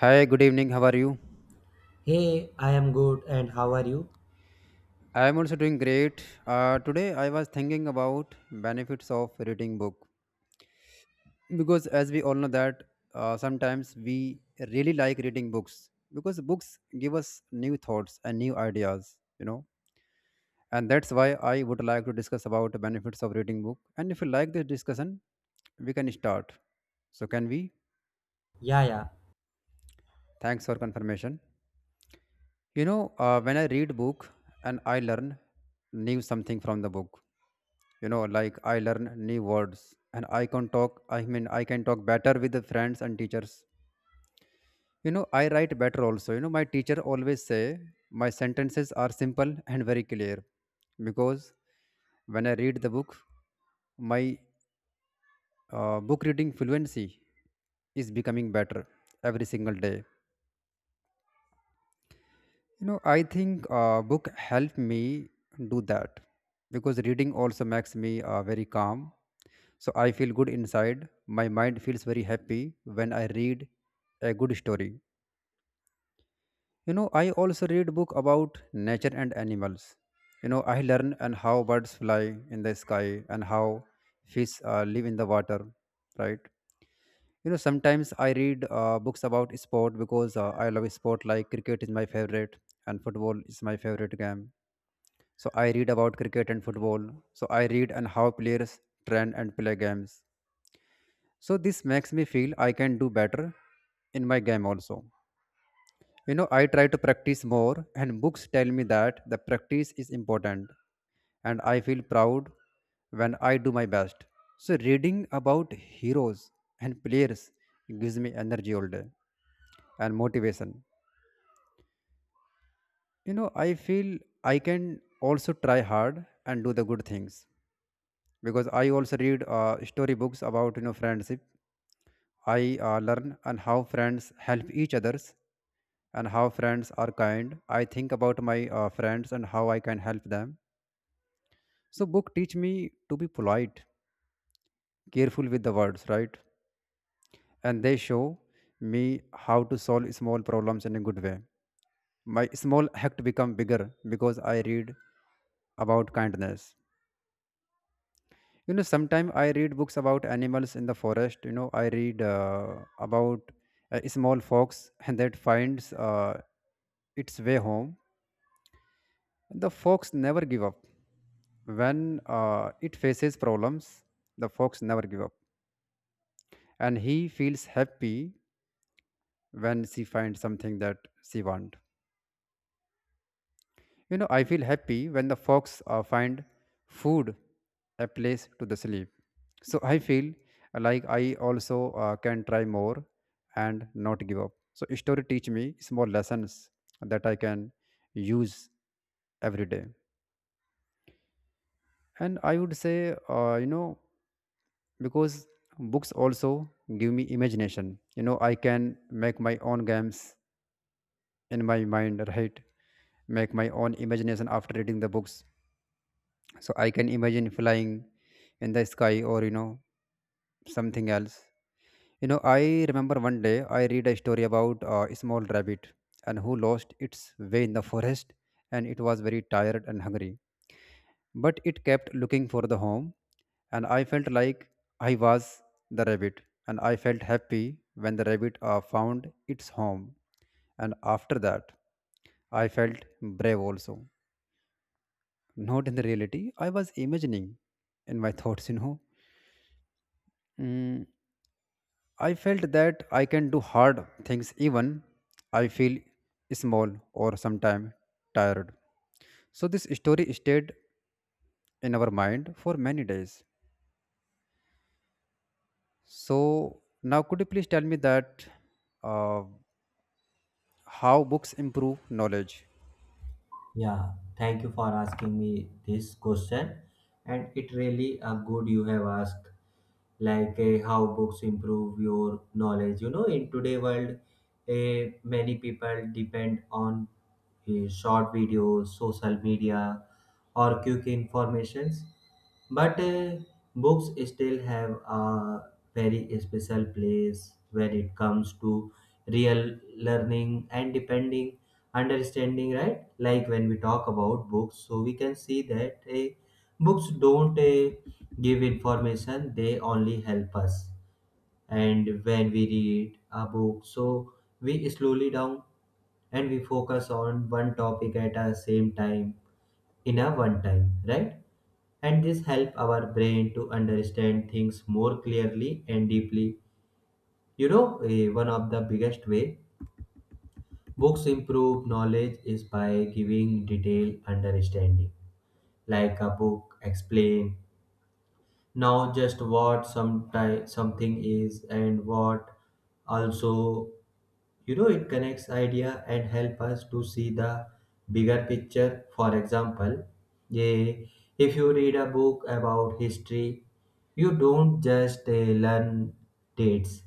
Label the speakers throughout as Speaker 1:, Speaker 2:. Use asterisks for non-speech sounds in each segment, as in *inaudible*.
Speaker 1: Hi, good evening. How are you?
Speaker 2: Hey, I am good and how are you?
Speaker 1: I am also doing great. Today I was thinking about benefits of reading book because as we all know that sometimes we really like reading books because books give us new thoughts and new ideas, you know. And that's why I would like to discuss about the benefits of reading book. And if you like this discussion, we can start. So can we?
Speaker 2: Yeah, yeah.
Speaker 1: Thanks for confirmation. You know, when I read book and I learn new something from the book. You know, like I learn new words and I can talk. I mean, I can talk better with the friends and teachers. You know, I write better also. You know, my teacher always say my sentences are simple and very clear because when I read the book, my book reading fluency is becoming better every single day. You know, I think book helped me do that because reading also makes me very calm. So I feel good inside. My mind feels very happy when I read a good story. You know, I also read book about nature and animals. You know, I learn and how birds fly in the sky and how fish live in the water, right? You know, sometimes I read books about sport because I love sport like cricket is my favorite and football is my favorite game. So I read about cricket and football. So I read on how players train and play games. So this makes me feel I can do better in my game also. You know, I try to practice more and books tell me that the practice is important and I feel proud when I do my best. So reading about heroes and players gives me energy all day and motivation. You know, I feel I can also try hard and do the good things. Because I also read story books about friendship. I learn and how friends help each others and how friends are kind. I think about my friends and how I can help them. So book teach me to be polite, careful with the words, right? And they show me how to solve small problems in a good way. My small act become bigger because I read about kindness. You know, sometimes I read books about animals in the forest. You know, I read about a small fox and *laughs* that finds its way home. The fox never give up when it faces problems. The fox never give up and he feels happy when she finds something that she want. You know, I feel happy when the fox find food, a place to the sleep. So I feel like I also can try more and not give up. So story teach me small lessons that I can use every day. And I would say, because books also give me imagination. You know, I can make my own games in my mind, right? Make my own imagination after reading the books, so I can imagine flying in the sky or, you know, something else. You know, I remember one day I read a story about a small rabbit and who lost its way in the forest, and it was very tired and hungry but it kept looking for the home, and I felt like I was the rabbit. And I felt happy when the rabbit found its home. And after that I felt brave also, not in the reality, I was imagining in my thoughts, you know. Mm, I felt that I can do hard things even I feel small or sometimes tired. So this story stayed in our mind for many days. So now could you please tell me that uh, how books improve knowledge?
Speaker 2: Yeah, thank you for asking me this question. And it really a good you have asked, like how books improve your knowledge. You know, in today world, many people depend on short videos, social media, or quick informations. But books still have a very special place when it comes to real learning and depending understanding, right? Like when we talk about books, so we can see that books don't give information, they only help us. And when we read a book, so we slowly down and we focus on one topic at a same time, in a one time, right? And this help our brain to understand things more clearly and deeply. You know one of the biggest way books improve knowledge is by giving detailed understanding, like a book explain now just what something is and what also, you know, it connects idea and help us to see the bigger picture. For example eh, if you read a book about history, you don't just learn dates,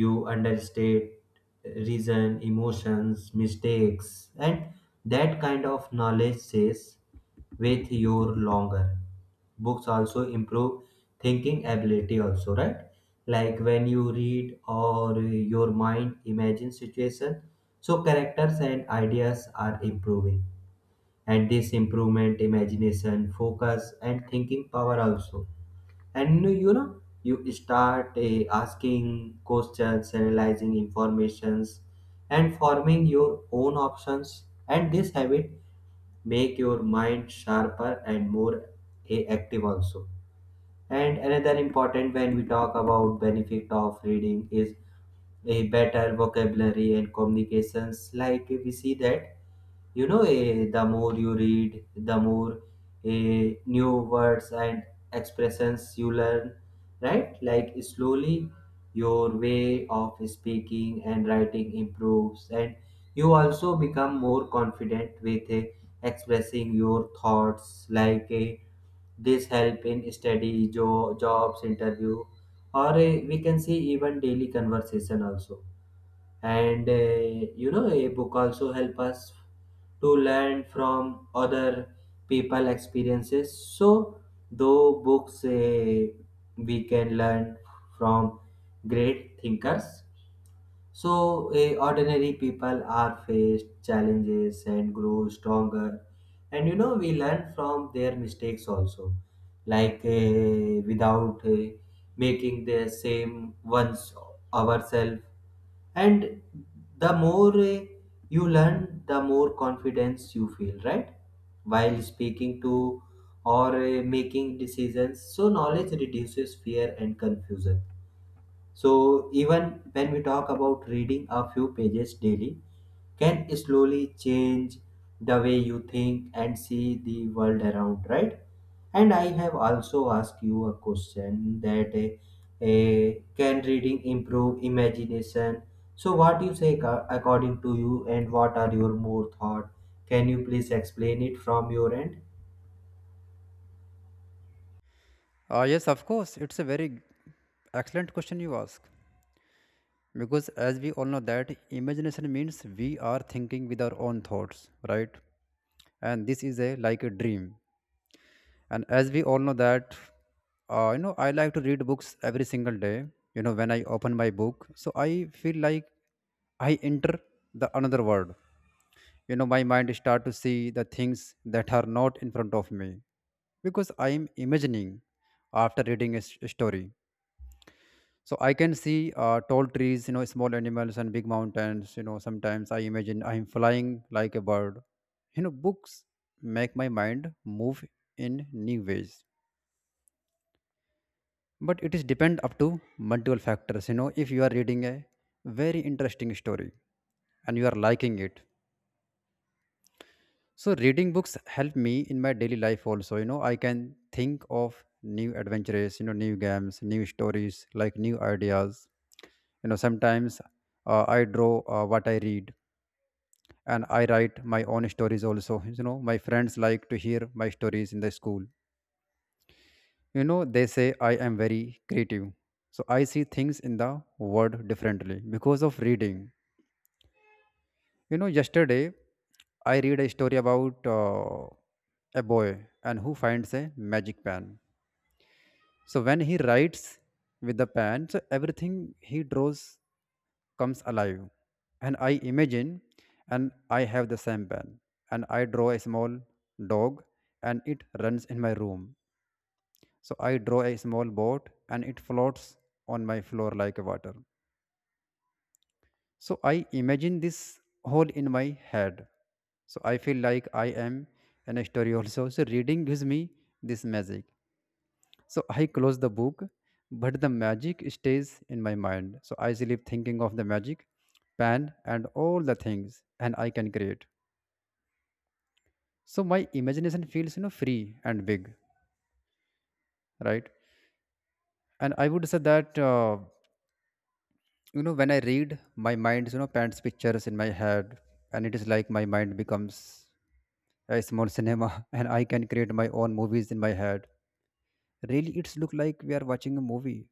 Speaker 2: you understand reason, emotions, mistakes, and that kind of knowledge stays with you longer. Books also improve thinking ability also, right? Like when you read or your mind imagine situation, so characters and ideas are improving, and this improvement imagination focus and thinking power also. And you know you start asking questions, analyzing informations, and forming your own options, and this habit make your mind sharper and more active also. And another important when we talk about benefit of reading is a better vocabulary and communications. Like we see that, you know the more you read, the more new words and expressions you learn, right? Like slowly your way of speaking and writing improves, and you also become more confident with expressing your thoughts. Like a this help in study, jobs, interview, or we can see even daily conversation also. And you know, a book also help us to learn from other people experiences. So though books we can learn from great thinkers, so ordinary people are faced challenges and grow stronger. And you know, we learn from their mistakes also. Like, without making the same ones ourselves. And the more you learn, the more confidence you feel, right? While speaking to or making decisions. So knowledge reduces fear and confusion, so even when we talk about reading a few pages daily, can slowly change the way you think and see the world around, right? And I have also asked you a question that can reading improve imagination? So what do you say according to you, and what are your more thought? Can you please explain it from your end?
Speaker 1: Yes, of course. It's a very excellent question you ask because as we all know that imagination means we are thinking with our own thoughts, right? And this is a like a dream. And as we all know that you know I like to read books every single day. You know, when I open my book so I feel like I enter the another world. You know, my mind start to see the things that are not in front of me because I am imagining. After reading a story, so I can see tall trees, you know, small animals and big mountains. You know, sometimes I imagine I am flying like a bird. You know, books make my mind move in new ways, but it is depend up to multiple factors. You know, if you are reading a very interesting story and you are liking it, so reading books help me in my daily life also. You know, I can think of new adventures, you know, new games, new stories, like new ideas. You know, sometimes I draw what I read, and I write my own stories also. You know, my friends like to hear my stories in the school. You know, they say I am very creative. So I see things in the world differently because of reading. You know, yesterday I read a story about a boy and who finds a magic pen. So when he writes with the pen, so everything he draws comes alive. And I imagine and I have the same pen and I draw a small dog and it runs in my room. So I draw a small boat and it floats on my floor like water. So I imagine this whole in my head. So I feel like I am in a story also. So reading gives me this magic. So I close the book, but the magic stays in my mind. So I sleep thinking of the magic, pen, and all the things, and I can create. So my imagination feels, you know, free and big, right? And I would say that. You know, when I read, my mind, you know, paints pictures in my head, and it is like my mind becomes a small cinema *laughs* and I can create my own movies in my head. Really, it's look like we are watching a movie.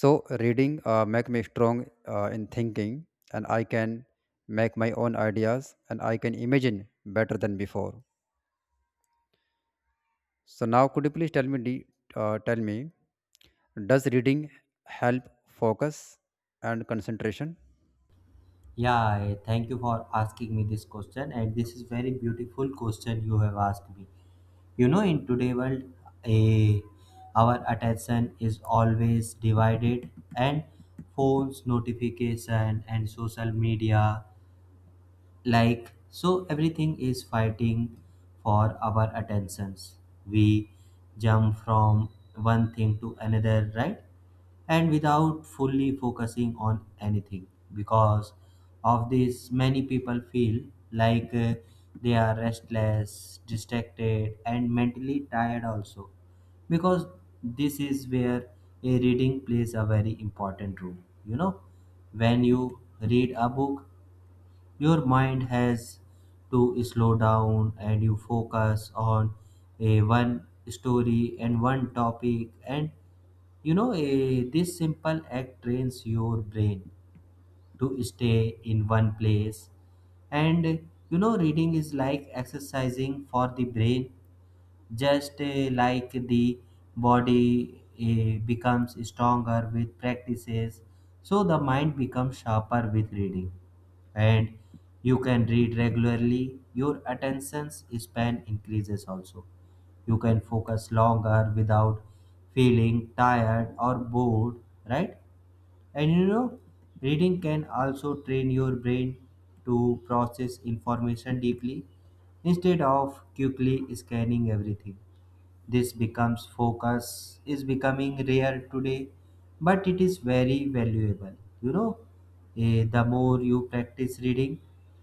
Speaker 1: So reading make me strong in thinking, and I can make my own ideas and I can imagine better than before. So now could you please tell me tell me, does reading help focus and concentration?
Speaker 2: Yeah, thank you for asking me this question, and this is very beautiful question you have asked me. You know, in today world, a, our attention is always divided, and phones, notification, and social media, like so everything is fighting for our attentions. We jump from one thing to another, right? And without fully focusing on anything. Because of this many people feel like they are restless, distracted, and mentally tired also. Because this is where a reading plays a very important role. You know, when you read a book, your mind has to slow down and you focus on a one story and one topic. And you know this simple act trains your brain to stay in one place. And you know, reading is like exercising for the brain, just like the body becomes stronger with practices. So the mind becomes sharper with reading. And you can read regularly, your attention span increases also. You can focus longer without feeling tired or bored, right? And you know, reading can also train your brain to process information deeply instead of quickly scanning everything. This becomes focus is becoming rare today, but it is very valuable. You know, the more you practice reading,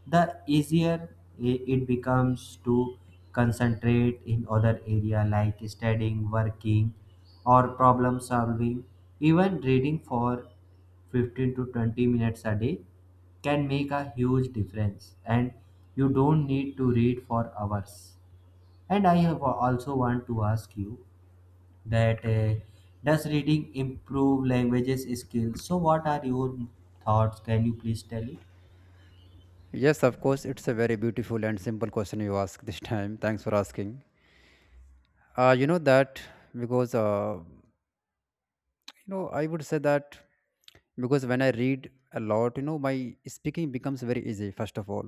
Speaker 2: the easier it becomes to concentrate in other area like studying, working, or problem solving. Even reading for 15 to 20 minutes a day can make a huge difference and you don't need to read for hours. And I have also want to ask you that does reading improve languages skills? So what are your thoughts? Can you please tell me?
Speaker 1: Yes, of course, it's a very beautiful and simple question you ask this time. Thanks for asking. You know that because, I would say that because when I read a lot, you know, my speaking becomes very easy, first of all.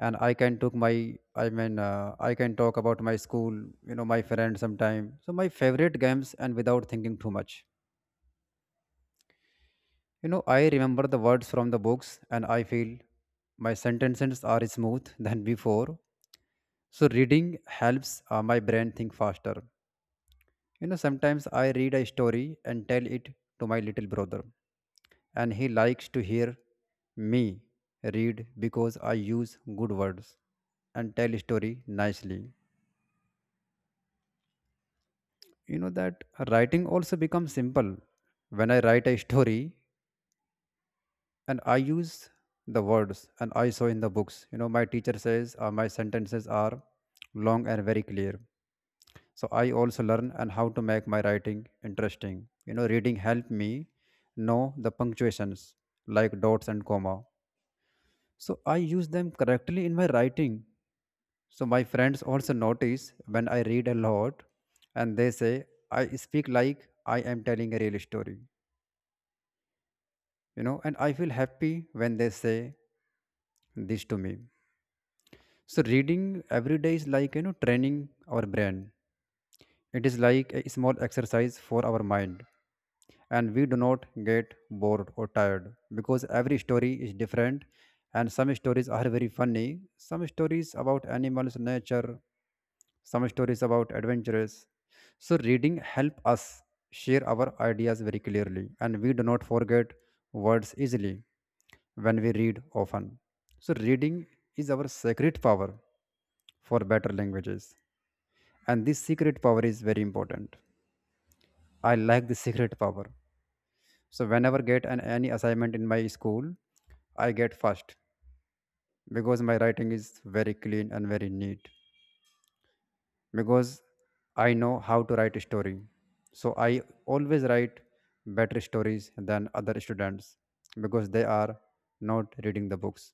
Speaker 1: And I mean, I can talk about my school, you know, my friends sometime. So my favorite games and without thinking too much. You know, I remember the words from the books and I feel my sentences are smooth *laughs* than before. So reading helps my brain think faster. You know, sometimes I read a story and tell it to my little brother, and he likes to hear me read because I use good words and tell story nicely. You know that writing also becomes simple. When I write a story and I use the words and I saw in the books. You know, my teacher says my sentences are long and very clear. So I also learn and how to make my writing interesting. You know, reading helped me know the punctuations like dots and comma, so I use them correctly in my writing. So my friends also notice when I read a lot, and they say I speak like I am telling a real story. You know, and I feel happy when they say this to me. So reading every day is like, you know, training our brain. It is like a small exercise for our mind, and we do not get bored or tired because every story is different, and some stories are very funny, some stories about animals, nature, some stories about adventures. So reading help us share our ideas very clearly, and we do not forget words easily when we read often. So reading is our secret power for better languages, and this secret power is very important. I like the secret power. So whenever get an any assignment in my school, I get first because my writing is very clean and very neat. Because I know how to write a story. So I always write better stories than other students because they are not reading the books.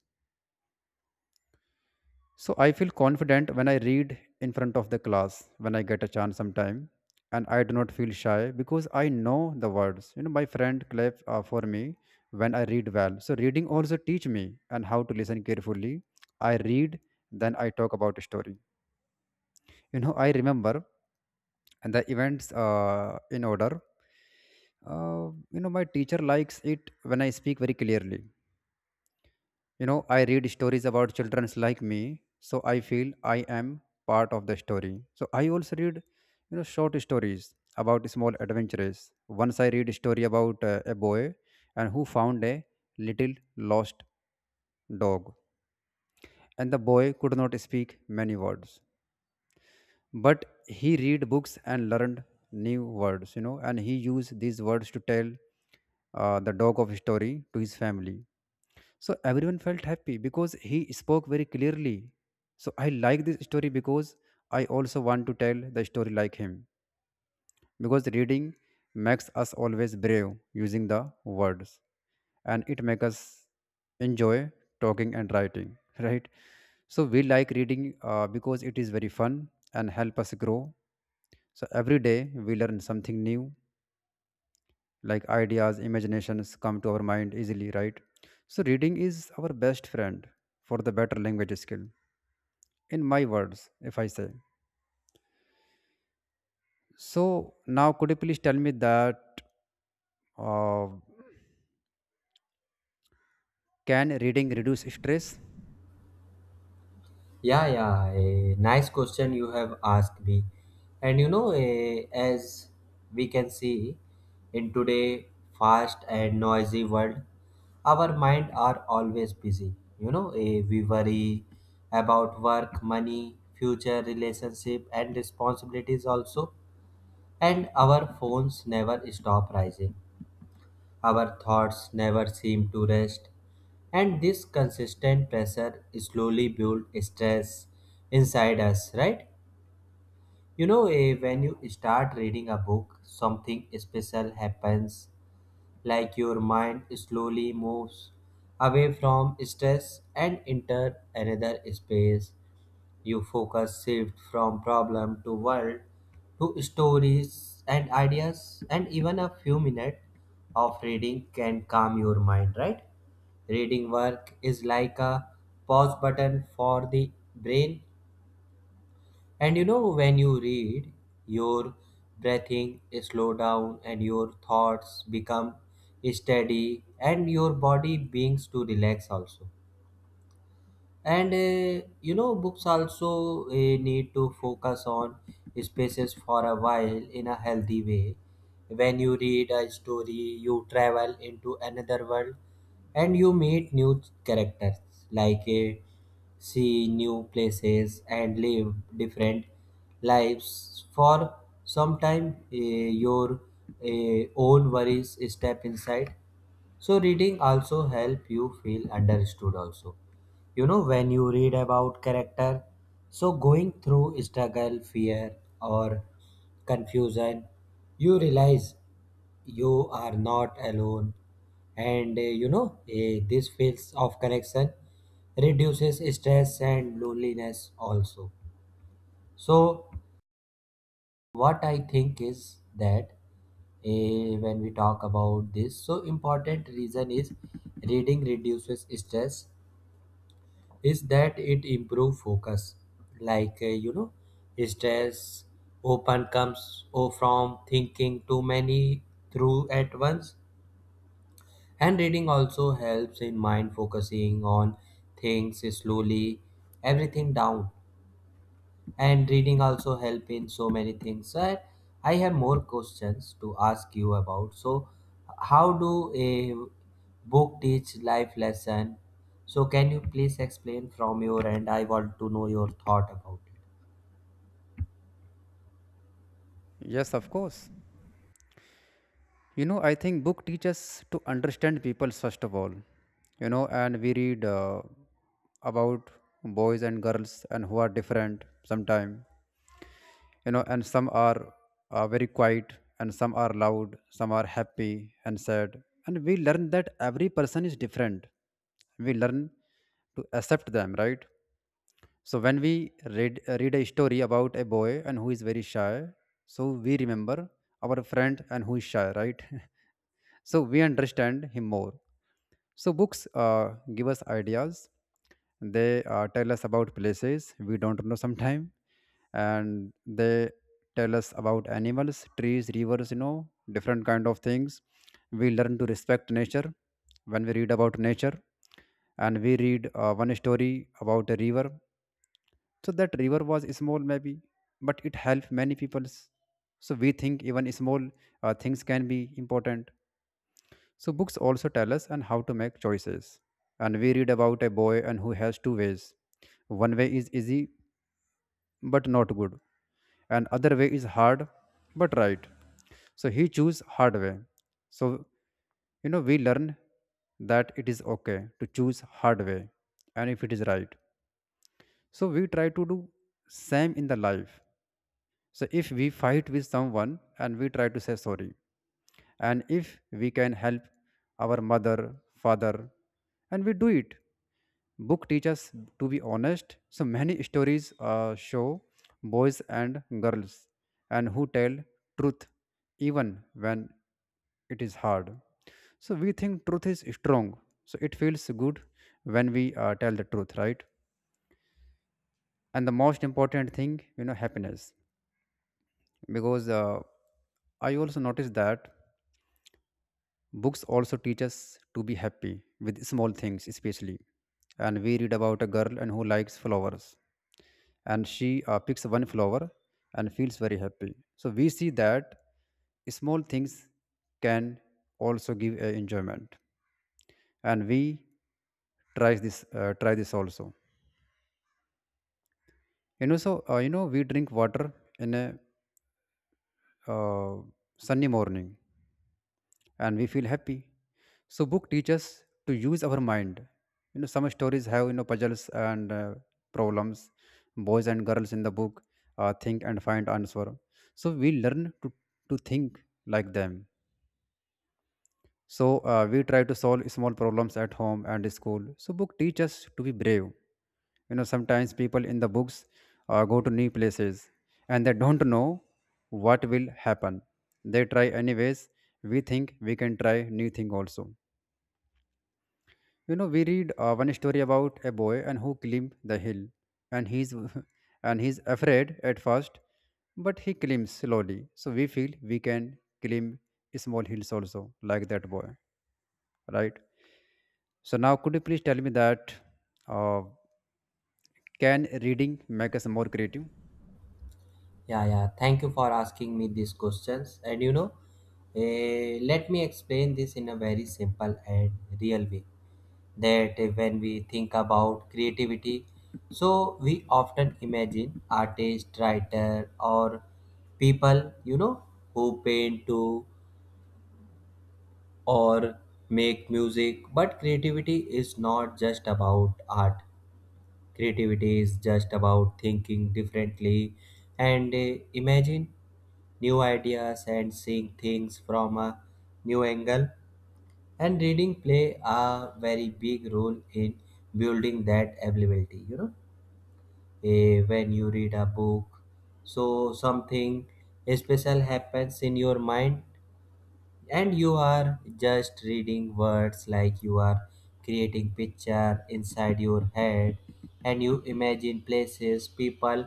Speaker 1: So I feel confident when I read in front of the class when I get a chance sometime, and I do not feel shy because I know the words. You know, my friend clap for me when I read well. So reading also teach me and how to listen carefully. I read, then I talk about a story. You know, I remember and the events in order. My teacher likes it when I speak very clearly. You know, I read stories about children's like me, so I feel I am part of the story. So I also read, you know, short stories about small adventures. Once I read a story about a boy and who found a little lost dog, and the boy could not speak many words, but he read books and learned new words. You know, and he used these words to tell the dog of story to his family. So everyone felt happy because he spoke very clearly. So I like this story because I also want to tell the story like him. Because reading makes us always brave using the words, and it makes us enjoy talking and writing, *laughs* right? So we like reading because it is very fun and help us grow. So every day we learn something new, like ideas imaginations come to our mind easily, right? So reading is our best friend for the better language skill, in my words if I say. So now, could you please tell me that uh, can reading reduce stress?
Speaker 2: Yeah, yeah, a nice question you have asked me. And you know, as we can see in today fast and noisy world, our mind are always busy. You know, we worry about work, money, future relationship, and responsibilities also. And our phones never stop rising. Our thoughts never seem to rest. And this consistent pressure slowly builds stress inside us, right? You know, when you start reading a book, something special happens, like your mind slowly moves away from stress and enter another space. You focus shift from problem to world to stories and ideas, and even a few minutes of reading can calm your mind, right? Reading work is like a pause button for the brain. And you know, when you read, your breathing slow down and your thoughts become steady and your body begins to relax also. And you know books also need to focus on spaces for a while in a healthy way. When you read a story you travel into another world and you meet new characters, like see new places and live different lives for some time. Your own worries step inside. So reading also help you feel understood also. You know when you read about character, so going through struggle, fear, or confusion, you realize you are not alone. And you know this feels of connection reduces stress and loneliness also. So what I think is that, when we talk about this so important reason is reading reduces stress is that it improve focus. Like you know, stress open comes from thinking too many through at once. And reading also helps in mind focusing on things slowly, everything down. And reading also help in so many things, sir. I have more questions to ask you about, so how do a book teach life lesson? So can you please explain from your end? I want to know your thought about it.
Speaker 1: Yes, of course. You know, I think book teaches to understand people first of all. You know, and we read about boys and girls and who are different sometime. You know, and some are very quiet, and some are loud, some are happy and sad, and we learn that every person is different. We learn to accept them, right? So when we read a story about a boy and who is very shy, so we remember our friend and who is shy, right? *laughs* So we understand him more. So books give us ideas. They tell us about places we don't know sometime, and they tell us about animals, trees, rivers. You know, different kind of things. We learn to respect nature when we read about nature, and we read one story about a river. So that river was small, maybe, but it helped many peoples. So we think even small things can be important. So books also tell us and how to make choices. And we read about a boy and who has two ways. One way is easy but not good, and other way is hard but right. So he choose hard way. So you know we learn that it is okay to choose hard way and if it is right. So we try to do same in the life. So if we fight with someone and we try to say sorry, and if we can help our mother father, and we do it. Book teaches to be honest. So many stories show boys and girls and who tell truth even when it is hard. So we think truth is strong, so it feels good when we tell the truth, right? And the most important thing, you know, happiness. Because I also noticed that books also teach us to be happy with small things, especially. And we read about a girl and who likes flowers, and she picks one flower and feels very happy. So we see that small things can also give a enjoyment, and we try this also. You know, so you know we drink water in a uh, sunny morning and we feel happy. So book teaches to use our mind. You know, some stories have you know puzzles and problems. Boys and girls in the book think and find answer. So we learn to think like them. So we try to solve small problems at home and school. So book teaches to be brave. You know, sometimes people in the books go to new places and they don't know what will happen. They try anyways. We think we can try new thing also. You know, we read one story about a boy and who climbed the hill, and he's *laughs* and he's afraid at first, but he climbs slowly. So we feel we can climb small hills also, like that boy, right? So now, could you please tell me that uh, can reading make us more creative?
Speaker 2: Yeah, yeah. Thank you for asking me these questions. And you know, let me explain this in a very simple and real way. That when we think about creativity, so we often imagine artist, writer, or people, you know, who paint to or make music. But creativity is not just about art. Creativity is just about thinking differently and imagine new ideas and seeing things from a new angle. And reading play a very big role in building that ability, you know. When you read a book, so something special happens in your mind and you are just reading words, like you are creating picture inside your head. And you imagine places, people,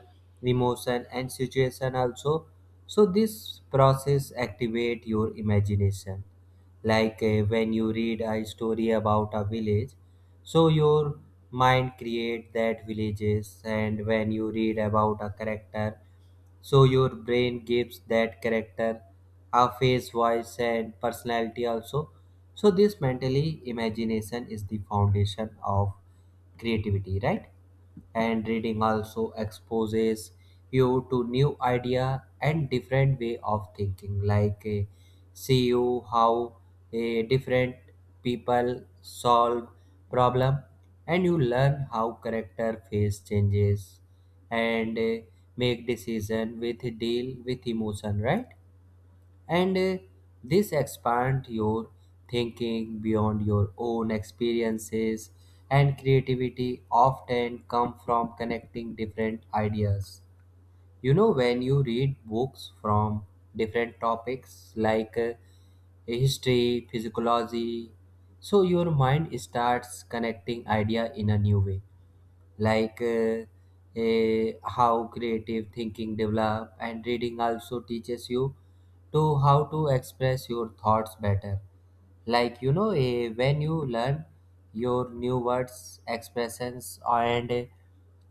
Speaker 2: emotion, and situation also. So this process activate your imagination, like when you read a story about a village, so your mind create that villages. And when you read about a character, so your brain gives that character a face, voice, and personality also. So this mentally imagination is the foundation of creativity, right? And reading also exposes you to new idea and different way of thinking, like see you how different people solve problem. And you learn how character face changes and make decision with deal with emotion, right? And this expand your thinking beyond your own experiences. And creativity often come from connecting different ideas. You know when you read books from different topics like history physiology, so your mind starts connecting idea in a new way. Like how creative thinking develop. And reading also teaches you to how to express your thoughts better. Like you know when you learn your new words expressions and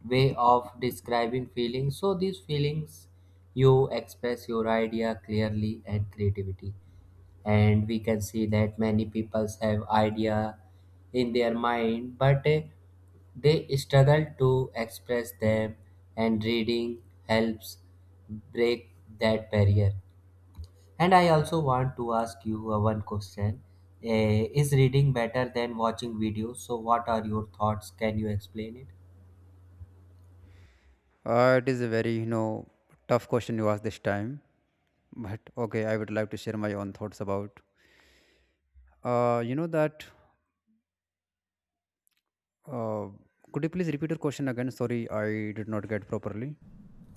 Speaker 2: way of describing feelings, so these feelings you express your idea clearly and creativity. And we can see that many people have idea in their mind but they struggle to express them. And reading helps break that barrier. And I also want to ask you one question. Is reading better than watching videos? So what are your thoughts? Can you explain it?
Speaker 1: It is a very you know tough question you asked this time, but okay, I would like to share my own thoughts about. You know that. Uh, could you please repeat your question again? Sorry, I did not get properly.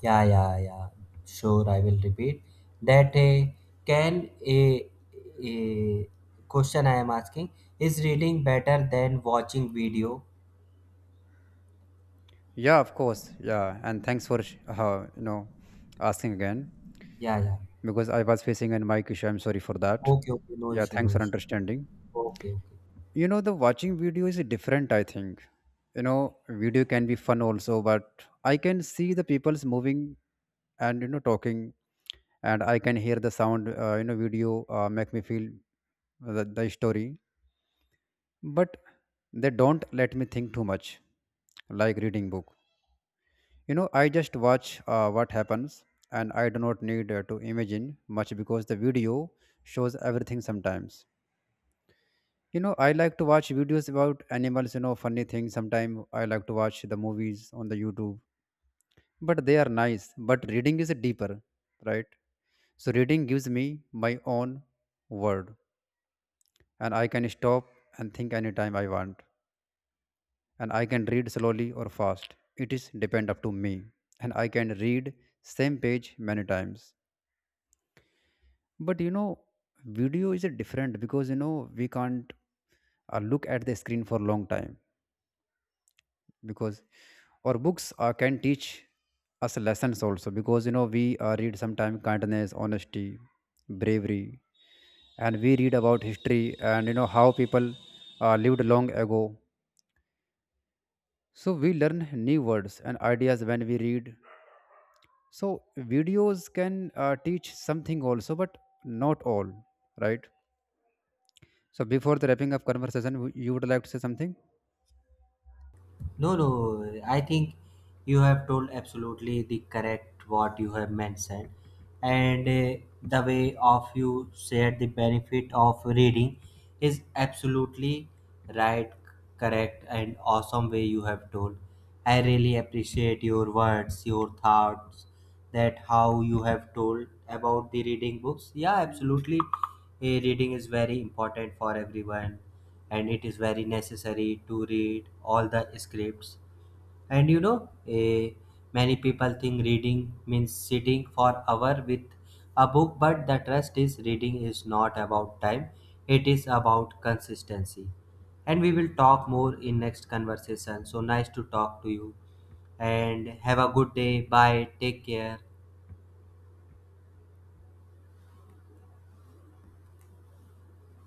Speaker 2: Yeah, yeah, yeah. Sure, I will repeat that. Can a, a question I am asking is reading better than watching video?
Speaker 1: Yeah, of course. Yeah, and thanks for you know asking again
Speaker 2: Yeah, yeah.
Speaker 1: because I was facing a mic issue. I'm sorry for that.
Speaker 2: Okay, okay. No
Speaker 1: Yeah,
Speaker 2: issue,
Speaker 1: thanks
Speaker 2: no
Speaker 1: for
Speaker 2: issue.
Speaker 1: understanding.
Speaker 2: Okay, okay.
Speaker 1: You know, the watching video is different. I think you know video can be fun also, but I can see the people's moving and you know talking, and I can hear the sound. You know, video make me feel the story, but they don't let me think too much, like reading book. You know, I just watch what happens, and I do not need to imagine much because the video shows everything sometimes. You know, I like to watch videos about animals, you know, funny things. Sometimes I like to watch the movies on the YouTube, but they are nice. But reading is deeper, right? So reading gives me my own word, and I can stop and think anytime I want. And I can read slowly or fast. It is depend up to me. And I can read same page many times. But you know video is a different because you know we can't look at the screen for long time because. Or books can teach us lessons also because you know we read sometime kindness, honesty, bravery, and we read about history and you know how people lived long ago. So we learn new words and ideas when we read. So videos can teach something also, but not all, right? So before the wrapping up conversation, you would like to say something?
Speaker 2: No, no, I think you have told absolutely the correct what you have mentioned, and the way of you shared the benefit of reading is absolutely right, correct, and awesome way you have told. I really appreciate your words, your thoughts, that how you have told about the reading books, yeah, absolutely. Reading is very important for everyone and it is very necessary to read all the scripts. And you know, eh, many people think reading means sitting for hour with a book, but the trust is reading is not about time, it is about consistency. And we will talk more in next conversation. So nice to talk to you, and have a good day, bye, take care.